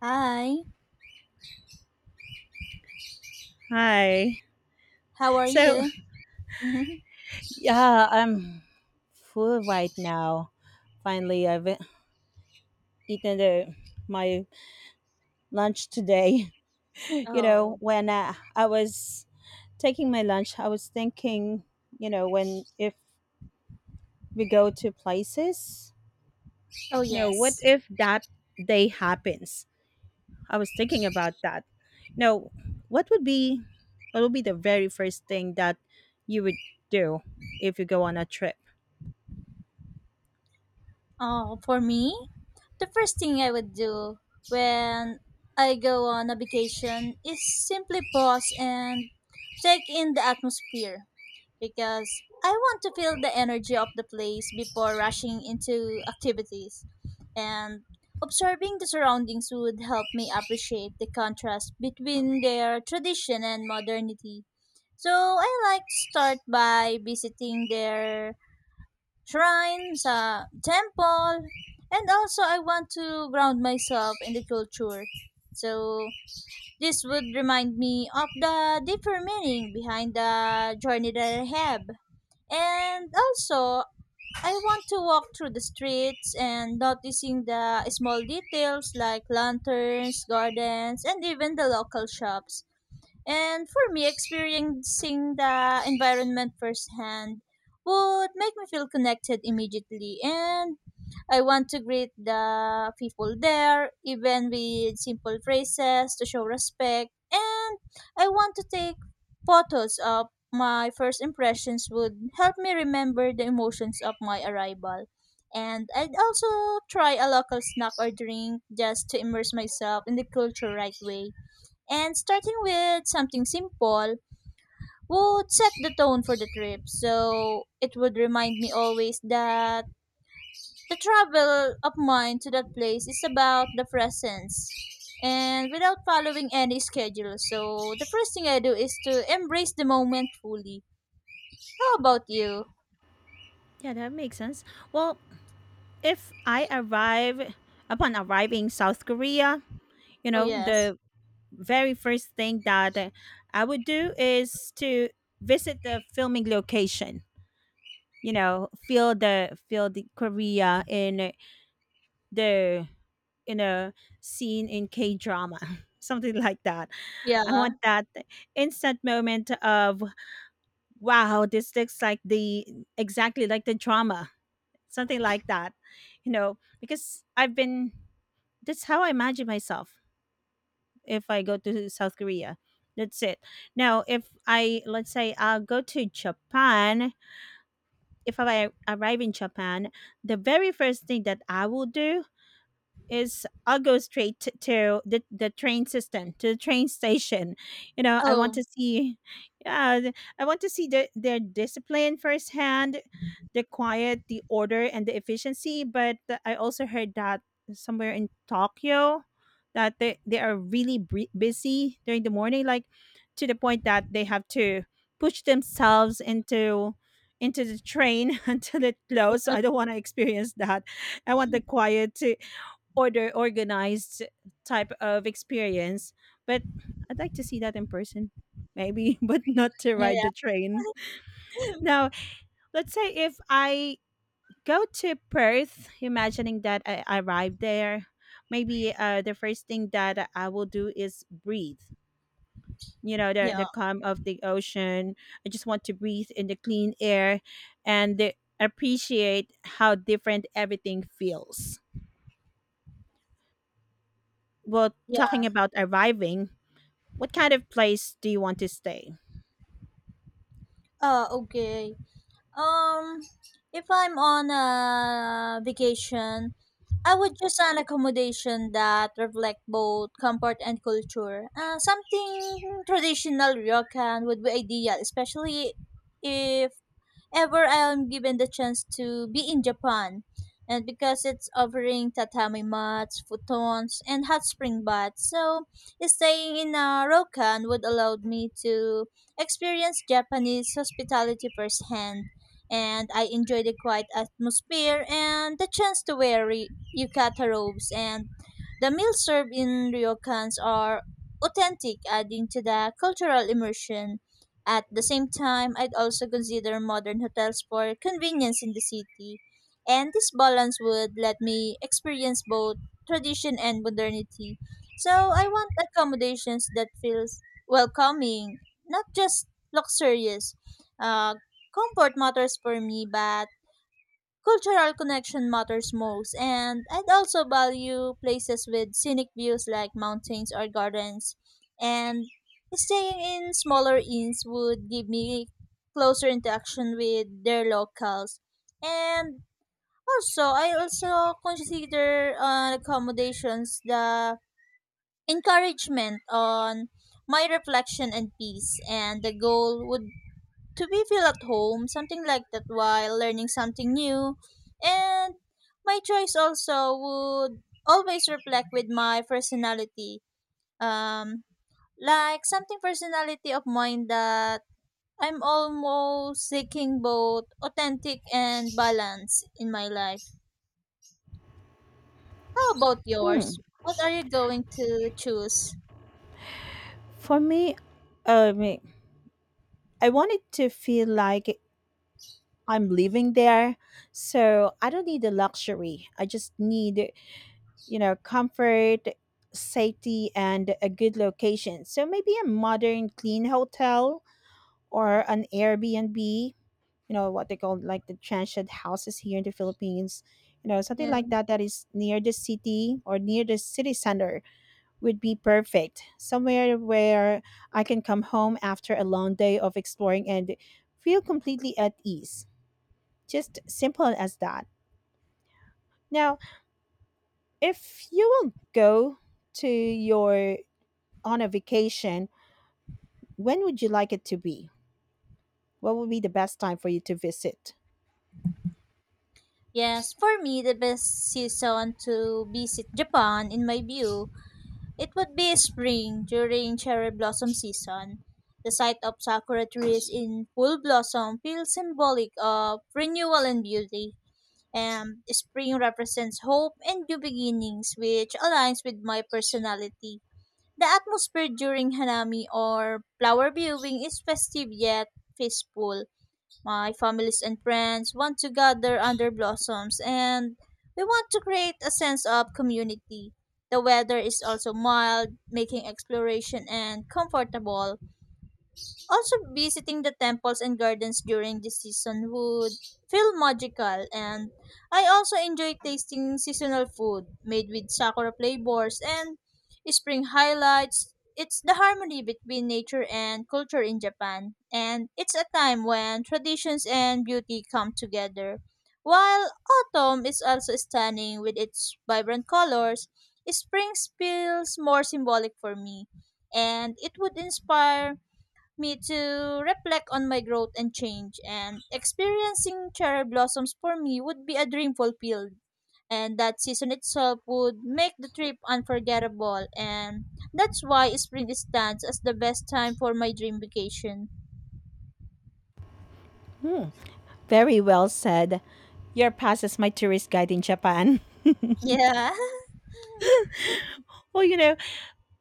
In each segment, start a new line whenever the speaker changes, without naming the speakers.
Hi,
Hi.
how are
So,
you? Mhm.
yeah, I'm full right now. Finally, I've eaten my lunch today. you know,
Oh,
when I was taking my lunch, I was thinking, when if we go to places,
oh,
what
yes.
if that day happens? I was thinking about that. You know, what would be what would be the very first thing that you would do if you go on a trip?
Oh, for me, the first thing I would do when I go on a vacation is simply pause and take in the atmosphere, because I want to feel the energy of the place before rushing into activities. And observing the surroundings would help me appreciate the contrast between their tradition and modernity. So I like to start by visiting their shrines, temple, and also I want to ground myself in the culture. So this would remind me of the deeper meaning behind the journey that I have. And also, I want to walk through the streets and noticing the small details like lanterns, gardens, and even the local shops. And for me, experiencing the environment firsthand would make me feel connected immediately, and I want to greet the people there, even with simple phrases to show respect. And I want to take photos of my first impressions would help me remember the emotions of my arrival. And I'd also try a local snack or drink just to immerse myself in the culture right way. And starting with something simple would set the tone for the trip. So it would remind me always that the travel of mine to that place is about the presence and without following any schedule. So the first thing I do is to embrace the moment fully. How about you?
Yeah, that makes sense. Well, if I arrive upon arriving South Korea,
Oh yes.
the very first thing that I would do is to visit the filming location. You know, feel the Korea in the in a scene in K drama, something like that. I
Yeah.
want that instant moment of, wow, this looks like the exactly like the drama, something like that, you know, because I've been— that's how I imagine myself if I go to South Korea. That's it. Now, if I— let's say I'll go to Japan. If I arrive in Japan, the very first thing that I will do is I'll go straight to the train system, to the train station. You know, I want
Oh.
to see, yeah, I want to see their discipline firsthand, the quiet, the order, and the efficiency. But I also heard that somewhere in Tokyo that they are really busy during the morning, like, to the point that they have to push themselves into the train until it closes. So I don't want to experience that. I want the quiet to— order, organized type of experience. But I'd like to see that in person, maybe, but not to ride
Yeah.
the train.
Yeah.
Now, let's say if I go to Perth, imagining that I arrive there, maybe the first thing that I will do is breathe. You know,
Yeah.
the calm of the ocean. I just want to breathe in the clean air and appreciate how different everything feels. Well,
Yeah.
talking about arriving, what kind of place do you want to stay?
Oh, okay. Um, if I'm on a vacation, I would choose an accommodation that reflect both comfort and culture. Something traditional ryokan would be ideal, especially if ever I'm given the chance to be in Japan. And because it's offering tatami mats, futons, and hot spring baths, so staying in a ryokan would allow me to experience Japanese hospitality firsthand. And I enjoy the quiet atmosphere and the chance to wear yukata robes. And the meals served in ryokans are authentic, adding to the cultural immersion. At the same time, I'd also consider modern hotels for convenience in the city. And this balance would let me experience both tradition and modernity. So I want accommodations that feels welcoming, not just luxurious. Uh, comfort matters for me, but cultural connection matters most, and I'd also value places with scenic views like mountains or gardens. And staying in smaller inns would give me closer interaction with their locals. And also, I also consider accommodations the encouragement on my reflection and peace, and the goal would to be feel at home, something like that while learning something new. And my choice also would always reflect with my personality. Um like something personality of mine that I'm almost seeking both authentic and balance in my life. How about yours?
Hmm.
What are you going to choose?
For me, um, I want it to feel like I'm living there. So I don't need the luxury. I just need, you know, comfort, safety, and a good location. So maybe a modern, clean hotel or an Airbnb. You know what they call, like, the transient houses here in the Philippines, you know, something
Yeah.
like that, that is near the city or near the city center would be perfect. Somewhere where I can come home after a long day of exploring and feel completely at ease. Just simple as that. Now, if you will go to your— on a vacation, when would you like it to be? What would be the best time for you to visit?
Yes, for me, the best season to visit Japan, in my view, it would be spring during cherry blossom season. The sight of sakura trees in full blossom feels symbolic of renewal and beauty, and spring represents hope and new beginnings, which aligns with my personality. The atmosphere during hanami or flower viewing is festive yet peaceful, my families and friends want to gather under blossoms, and we want to create a sense of community. The weather is also mild, making exploration and comfortable. Also, visiting the temples and gardens during this season would feel magical. And I also enjoy tasting seasonal food made with sakura flavors and spring highlights. It's the harmony between nature and culture in Japan, and it's a time when traditions and beauty come together. While autumn is also stunning with its vibrant colors, spring feels more symbolic for me, and it would inspire me to reflect on my growth and change, and experiencing cherry blossoms for me would be a dream fulfilled, and that season itself would make the trip unforgettable, and that's why spring stands as the best time for my dream vacation.
Hmm, very well said. Your pass is my tourist guide in Japan.
Yeah.
Well, you know,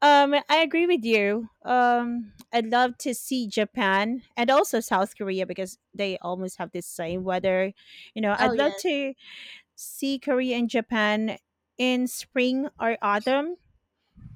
I agree with you. I'd love to see Japan and also South Korea because they almost have the same weather. You know,
Oh
I'd love
yes.
to see Korea and Japan in spring or autumn,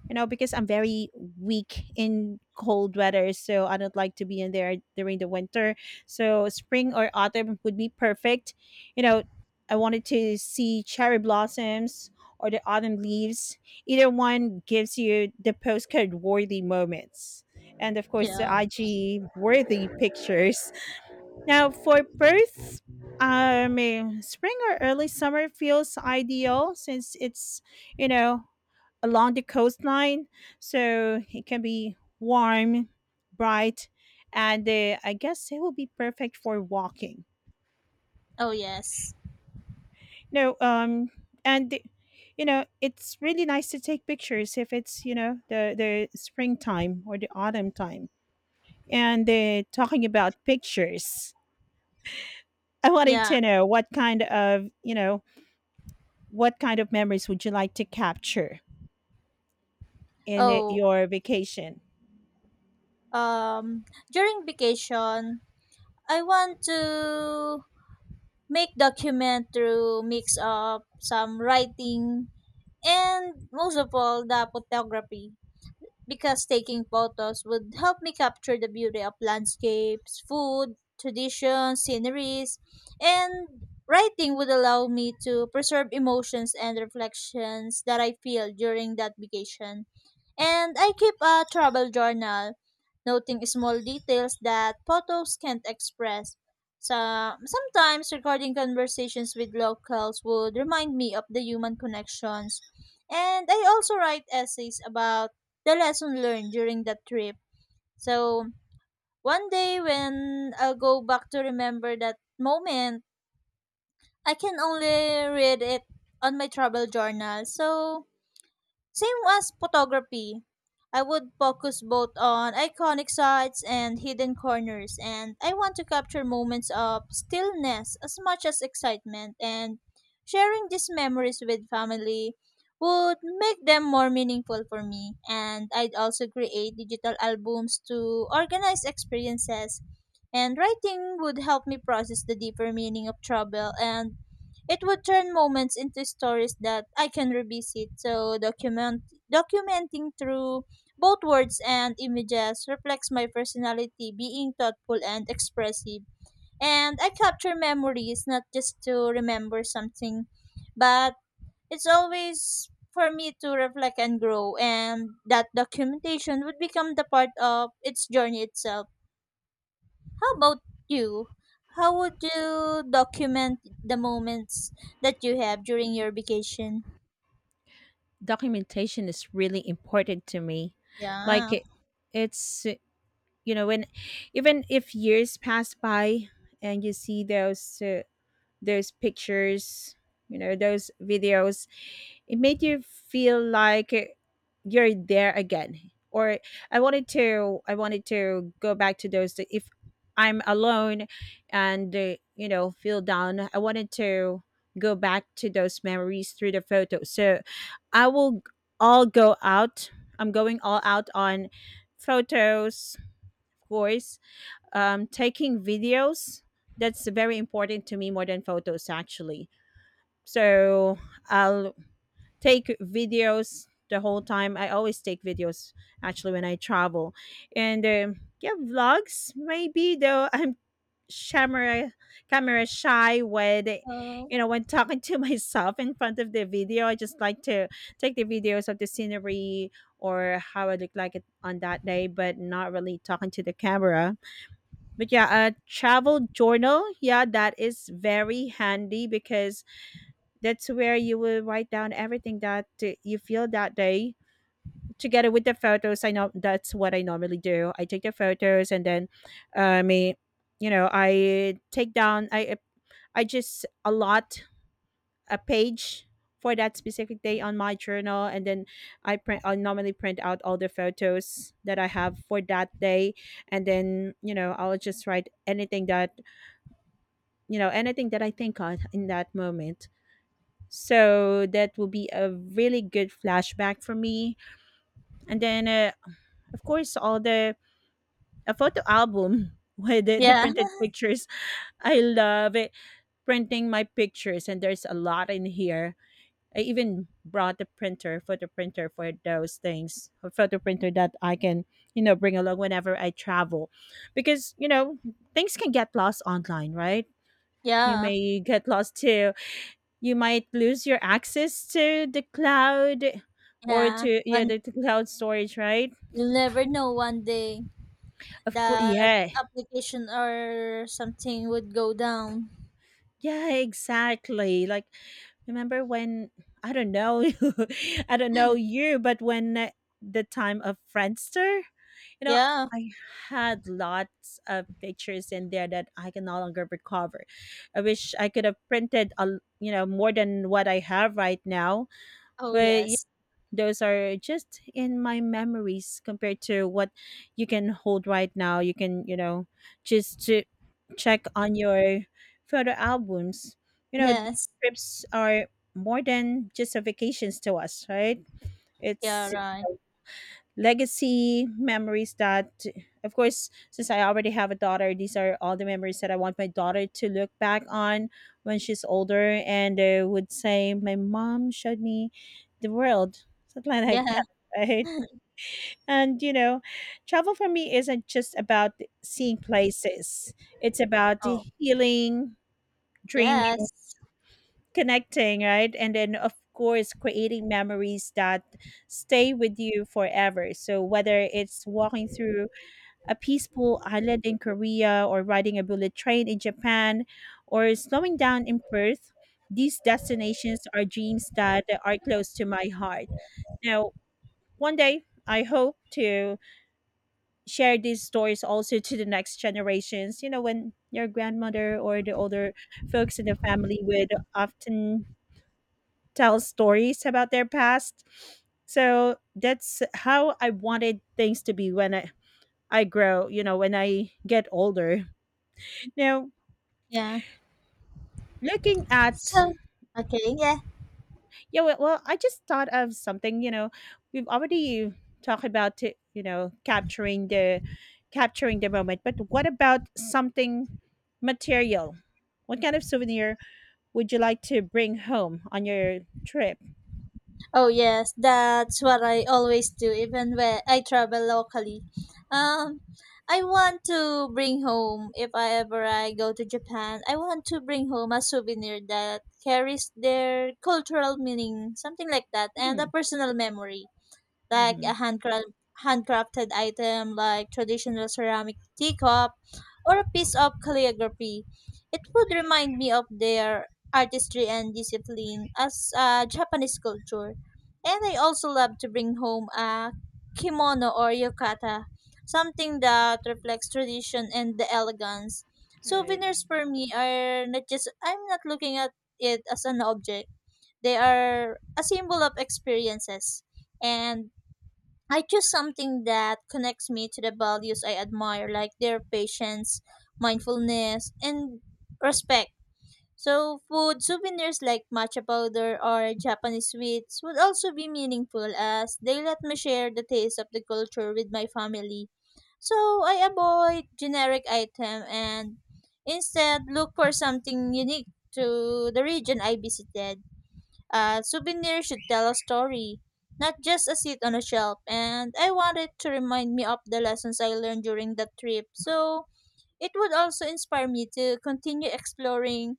you know, because I'm very weak in cold weather. So I don't like to be in there during the winter. So spring or autumn would be perfect. You know, I wanted to see cherry blossoms or the autumn leaves. Either one gives you the postcard worthy moments. And of course, the
Yeah.
IG worthy pictures. Now, for Perth, eh, spring or early summer feels ideal since it's, you know, along the coastline. So it can be warm, bright, and I guess it will be perfect for walking.
Oh yes.
No, and you know, it's really nice to take pictures if it's, you know, the springtime or the autumn time. And talking about pictures, I wanted
Yeah.
to know what kind of memories would you like to capture in it,
Oh.
your vacation?
um during vacation I want to make document through mix of some writing. And most of all, the photography, because taking photos would help me capture the beauty of landscapes, food, traditions, sceneries, and writing would allow me to preserve emotions and reflections that I feel during that vacation. And I keep a travel journal, noting small details that photos can't express. So, sometimes recording conversations with locals would remind me of the human connections. And I also write essays about the lesson learned during that trip. So, one day when I'll go back to remember that moment, I can only read it on my travel journal. So, same as photography, I would focus both on iconic sites and hidden corners, and I want to capture moments of stillness as much as excitement, and sharing these memories with family would make them more meaningful for me. And I'd also create digital albums to organize experiences, and writing would help me process the deeper meaning of travel, and it would turn moments into stories that I can revisit. So documenting through both words and images reflects my personality, being thoughtful and expressive. And I capture memories not just to remember something, but it's always for me to reflect and grow, and that documentation would become the part of its journey itself. How about you? How would you document the moments that you have during your vacation?
Documentation is really important to me. Like
Yeah.
it's you know, when even if years pass by and you see those pictures, you know, those videos, it made you feel like you're there again. Or I wanted to go back to those, that if I'm alone and you know, feel down, I wanted to go back to those memories through the photos. So I will all go out. I'm going all out on photos, of course. Um, taking videos, that's very important to me more than photos actually. So I'll take videos the whole time. I always take videos, actually, when I travel. And yeah, vlogs maybe, though, I'm camera camera shy when—
Oh.
you know, when talking to myself in front of the video. I just like to take the videos of the scenery or how I look like it on that day, but not really talking to the camera. But yeah, a travel journal, yeah, that is very handy because that's where you will write down everything that you feel that day together with the photos. I know that's what I normally do. I take the photos and then um, I, you know, I take down I just allot a page for that specific day on my journal. And then I normally print out all the photos that I have for that day. And then, you know, I'll just write anything that, you know, anything that I think of in that moment. So that will be a really good flashback for me. And then, of course, all the— a photo album with the
Yeah.
printed pictures. I love it, printing my pictures, and there's a lot in here. I even brought the printer, photo printer, for those things. A photo printer that I can, you know, bring along whenever I travel, because, you know, things can get lost online, right? You
Yeah.
may get lost too. You might lose your access to the cloud or
Yeah.
to— yeah,
One,
the cloud storage, right?
you'll never know, one day
Of course,
that
yeah.
application or something would go down.
Yeah, exactly. Like, remember when— I don't know, I don't know you, but when the time of Friendster, you know,
Yeah.
I had lots of pictures in there that I can no longer recover. I wish I could have printed you know, more than what I have right now.
Oh
But
yes.
those are just in my memories compared to what you can hold right now. You can, you know, just to check on your photo albums. You know, these
Yes.
trips are more than just a vacations to us, right?
Yeah,
It's
right.
legacy memories that— of course, since I already have a daughter, these are all the memories that I want my daughter to look back on when she's older and would say, my mom showed me the world, something like
Yeah.
that, right? And, you know, travel for me isn't just about seeing places. It's about
Oh,
healing, dreaming,
yes.
connecting, right? And then, of course, creating memories that stay with you forever. So whether it's walking through a peaceful island in Korea or riding a bullet train in Japan or slowing down in Perth, these destinations are dreams that are close to my heart. Now, one day I hope to share these stories also to the next generations. You know, when your grandmother or the older folks in the family would often tell stories about their past. So that's how I wanted things to be when I grow, you know, when I get older. Now,
Yeah.
looking at—
So, okay. Yeah.
yeah, well, I just thought of something. You know, we've already talked about it, you know, capturing the moment, but what about something material? What kind of souvenir would you like to bring home on your trip?
Oh yes, that's what I always do even when I travel locally. Um I want to bring home if I ever I go to Japan, I want to bring home a souvenir that carries their cultural meaning, something like that, and a
Hmm.
personal memory like
Hmm.
a handcrafted item like traditional ceramic teacup or a piece of calligraphy. It would remind me of their artistry and discipline as a Japanese culture. And I also love to bring home a kimono or yukata, something that reflects tradition and the elegance.
Right.
Souvenirs for me are not just, I'm not looking at it as an object, they are a symbol of experiences. And I choose something that connects me to the values I admire, like their patience, mindfulness, and respect. So, food souvenirs like matcha powder or Japanese sweets would also be meaningful as they let me share the taste of the culture with my family. So, I avoid generic item and instead look for something unique to the region I visited. A souvenir should tell a story, not just a seat on a shelf, and I want it to remind me of the lessons I learned during that trip. So it would also inspire me to continue exploring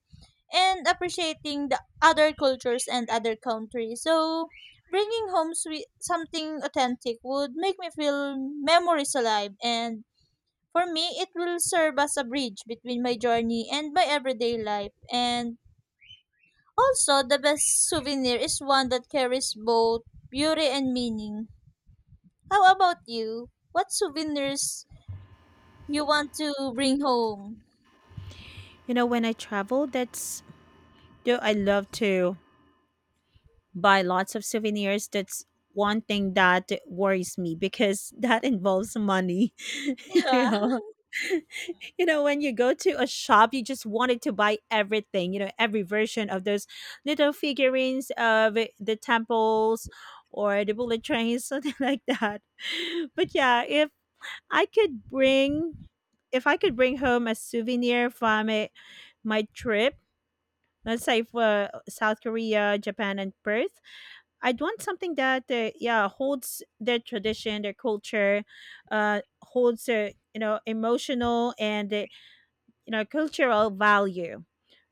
and appreciating the other cultures and other countries. So bringing home sweet, something authentic would make me feel memories alive, and for me it will serve as a bridge between my journey and my everyday life, and also, the best souvenir is one that carries both beauty and meaning. How about you? What souvenirs you want to bring home?
You know, when I travel, that's— do I love to buy lots of souvenirs. That's one thing that worries me because that involves money. You
Yeah,
know? You know, when you go to a shop, you just wanted to buy everything, you know, every version of those little figurines of the temples or the bullet trains, something like that. But yeah, if I could bring— if I could bring home a souvenir from it, my trip, let's say for South Korea, Japan, and Perth, I'd want something that yeah, holds their tradition, their culture, uh, holds their, you know, emotional and you know, cultural value.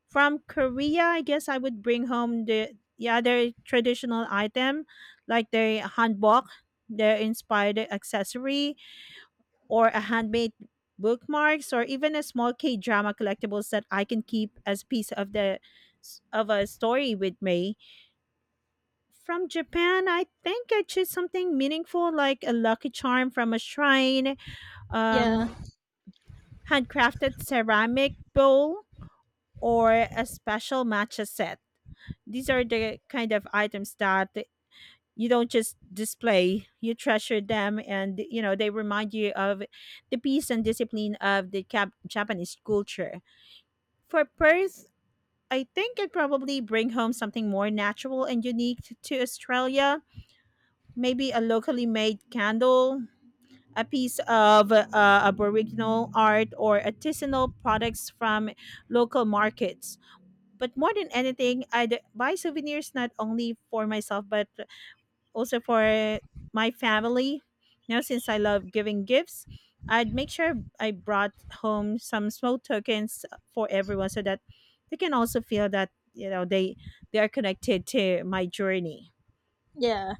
From Korea, I guess I would bring home the— yeah, their traditional item, like their hanbok, their inspired accessory, or a handmade bookmarks, or even a small k drama collectibles that I can keep as a piece of the— of a story with me. From Japan, I think I choose something meaningful like a lucky charm from a shrine,
yeah,
um, handcrafted ceramic bowl, or a special matcha set. These are the kind of items that you don't just display, you treasure them and you know they remind you of the peace and discipline of the Japanese culture. For Perth, I think it probably bring home something more natural and unique to Australia, maybe a locally made candle, a piece of aboriginal art or artisanal products from local markets. But more than anything, I'd buy souvenirs not only for myself, but also for my family. Now, since I love giving gifts, I'd make sure I brought home some small tokens for everyone so that they can also feel that, you know, they are connected to my journey.
yeah.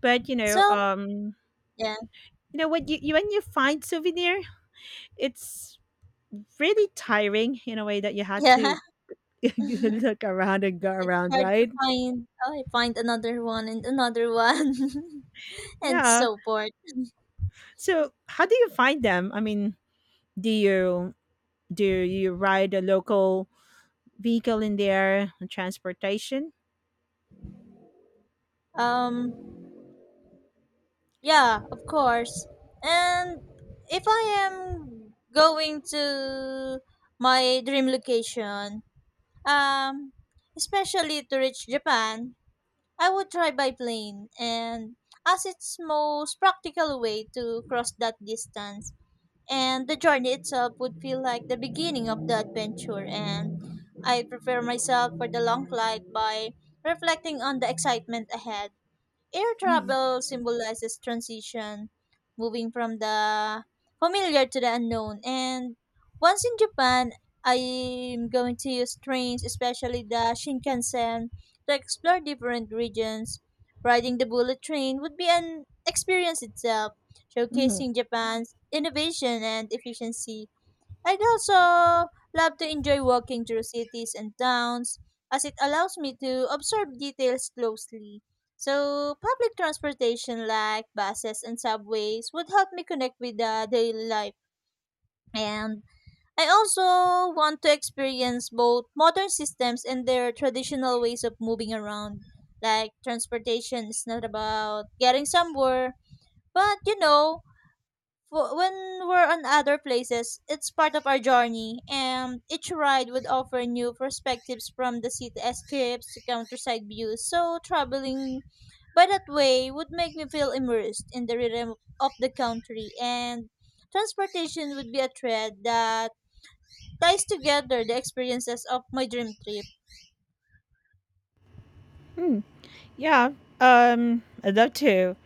But,
So, yeah,
you know when you find souvenir, it's really tiring in a way that you had
yeah.
to
It's
look around and go around,
hard to
right?
find. Oh, I find another one and another one, and
Yeah.
so forth.
So, how do you find them? I mean, do you do you ride a local vehicle in their transportation?
Um, yeah, of course. And if I am going to my dream location, Um, especially to reach Japan, I would try by plane, and as it's most practical way to cross that distance. And the journey itself would feel like the beginning of the adventure, and I prepare myself for the long flight by reflecting on the excitement ahead. Air
Mhm.
travel symbolizes transition, moving from the familiar to the unknown. And once in Japan, I'm going to use trains, especially the Shinkansen, to explore different regions. Riding the bullet train would be an experience itself,
Mhm.
showcasing Japan's innovation and efficiency. I'd also love to enjoy walking through cities and towns as it allows me to observe details closely. So, public transportation like buses and subways would help me connect with the daily life. And I also want to experience both modern systems and their traditional ways of moving around. Like, transportation is not about getting somewhere, but you know, when we're on other places, it's part of our journey, and each ride would offer new perspectives from the city escapes to countryside views. So, traveling by that way would make me feel immersed in the rhythm of the country, and transportation would be a thread that ties together the experiences of my dream trip.
Hmm. Yeah. I'd love to.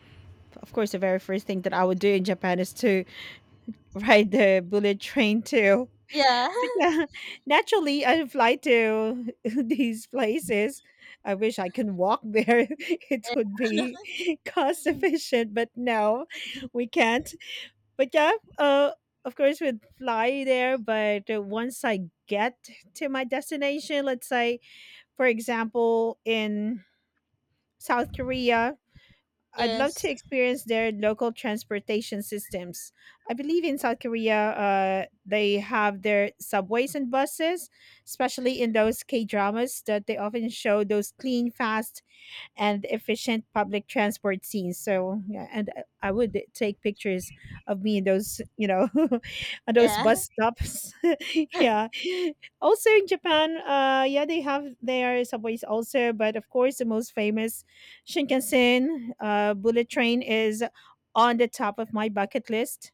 Of course, the very first thing that I would do in Japan is to ride the bullet train too.
Yeah.
But yeah, naturally, I fly to these places. I wish I can walk there. It would be cost efficient, but no, we can't. But yeah, uh, of course, we'd fly there. But once I get to my destination, let's say, for example, in South Korea, I'd love
Yes.
to experience their local transportation systems. I believe in South Korea, they have their subways and buses, especially in those K dramas that they often show those clean, fast and efficient public transport scenes. So yeah, and I would take pictures of me in those, you know, on those
Yeah.
bus stops. Yeah. Also in Japan, yeah, they have their subways also, but of course the most famous Shinkansen bullet train is on the top of my bucket list.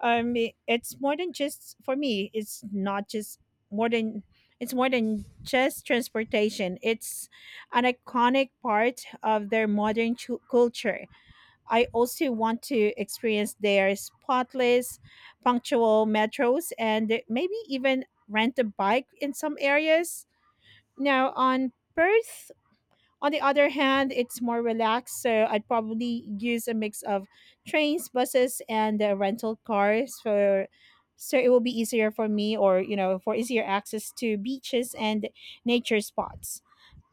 I It's more than just for me. It's not just more than It's more than just transportation. It's an iconic part of their modern culture. I also want to experience their spotless, punctual metros, and maybe even rent a bike in some areas. Now on Perth on the other hand, it's more relaxed, so I'd probably use a mix of trains, buses, and rental cars, for so it will be easier for me, or you know, for easier access to beaches and nature spots.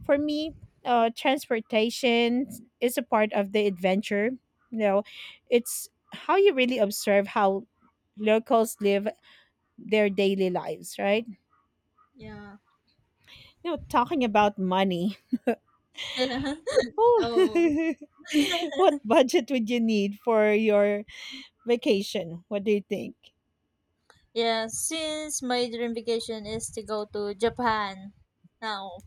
For me, transportation is a part of the adventure. You know, it's how you really observe how locals live their daily lives, right?
Yeah.
You know, talking about money.
Yeah.
Oh,
Oh.
what budget would you need for your vacation? What do you think?
Yeah, since my dream vacation is to go to Japan now,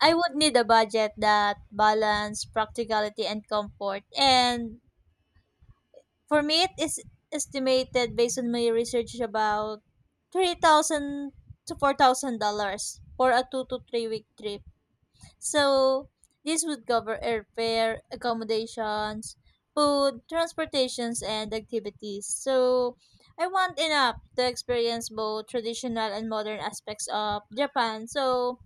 I would need a budget that balance practicality and comfort. And for me, it is estimated based on my research about $3,000 to $4,000 for a 2 to 3 week trip. So this would cover airfare, accommodations, food, transportations, and activities. So I want enough to experience both traditional and modern aspects of Japan. So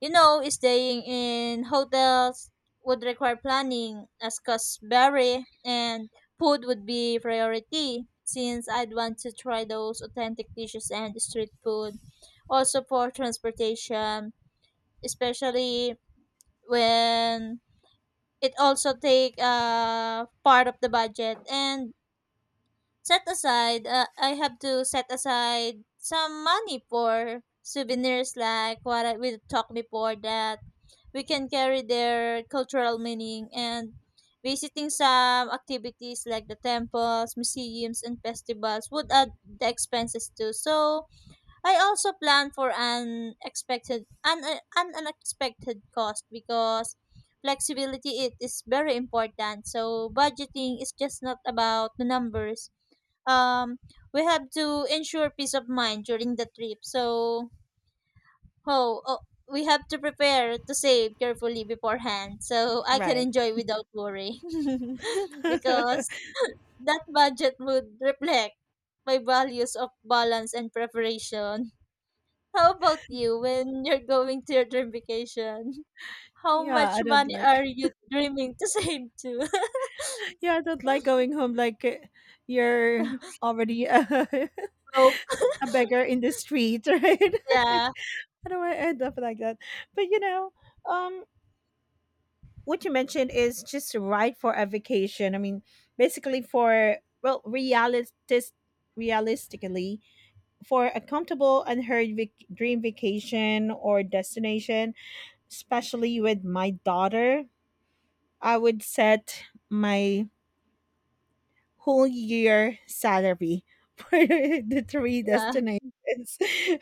you know, staying in hotels would require planning as costs vary, and food would be priority since I'd want to try those authentic dishes and street food. Also for transportation, especially when it also take part of the budget and set aside I have to set aside some money for souvenirs like what I, we talked before that we can carry their cultural meaning, and visiting some activities like the temples, museums and festivals would add the expenses too. So I also plan for an expected an unexpected cost because flexibility it is very important. So budgeting is just not about the numbers. Um, we have to ensure peace of mind during the trip. So oh, oh we have to prepare to save carefully beforehand so I can
Right.
enjoy without worry, because that budget would reflect my values of balance and preparation. How about you when you're going to your dream vacation? How
Yeah,
much
I don't
money
like.
are you dreaming to save to?
Yeah, I don't like going home like you're already
Broke.
beggar in the street, right?
Yeah,
I don't want to end up like that. But you know, um, what you mentioned is just right for a vacation. I mean, basically for well, realistically, for a comfortable dream vacation or destination, especially with my daughter, I would set my whole year salary for the three
yeah,
destinations.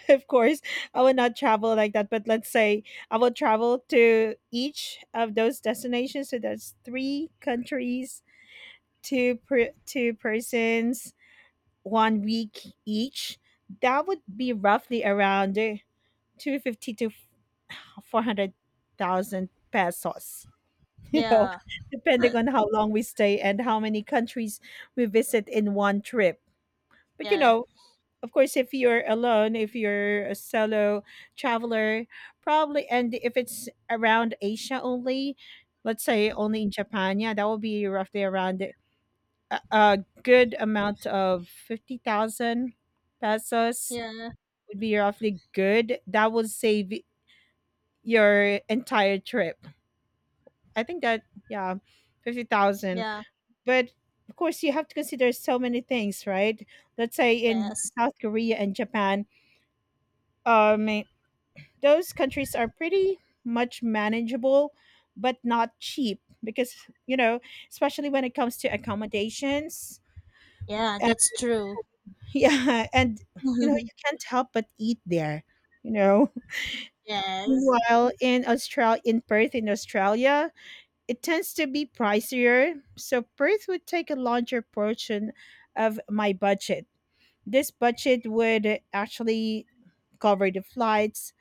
Of course, I would not travel like that, but let's say I will travel to each of those destinations. So that's three countries, two persons, one week each. That would be roughly around 250 to 400,000 pesos, you know,
yeah,
depending on how long we stay and how many countries we visit in one trip. But, you
yeah,
know, of course, if you're alone, if you're a solo traveler, probably, and if it's around Asia only, let's say only in Japan, yeah, that will be roughly around a good amount of 50,000 pesos
yeah,
would be roughly good. That would save your entire trip. I think that yeah, 50,000.
yeah,
But of course you have to consider so many things, right? Let's say in
yes.
South Korea and Japan, um those countries are pretty much manageable but not cheap because you know, especially when it comes to accommodations.
Yeah,
And,
that's true.
yeah, and you know, you can't help but eat there, you know.
Yes,
Meanwhile, in Australia in Perth in Australia, it tends to be pricier, so Perth would take a larger portion of my budget. This budget would actually cover the flights,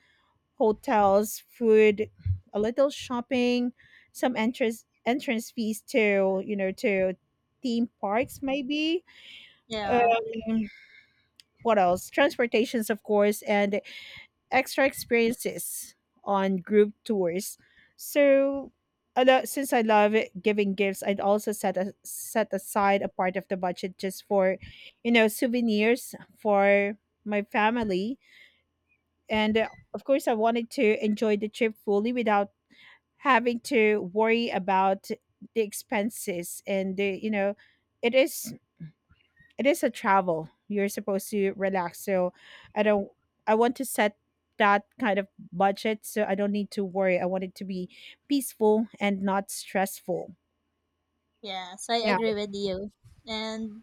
hotels, food, a little shopping, some entrance fees to you know to theme parks maybe.
yeah,
Um, what else? Transportations, of course, and extra experiences on group tours. So, since I love giving gifts, I'd also set aside a part of the budget just for, you know, souvenirs for my family. And of course, I wanted to enjoy the trip fully without having to worry about the expenses and the, you know, it is it is a travel. You're supposed to relax. So I don't I want to set that kind of budget so I don't need to worry. I want it to be peaceful and not stressful.
yes, I
Yeah.
agree with you. And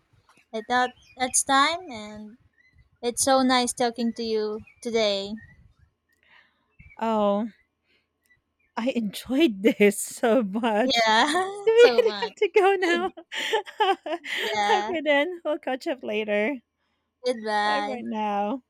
I thought it's time, and it's so nice talking to you today.
Oh, I enjoyed this so much.
Yeah,
Do we
so
really
much.
have to go now?
Yeah,
Okay then. We'll catch up later. Bye
goodbye.
for now.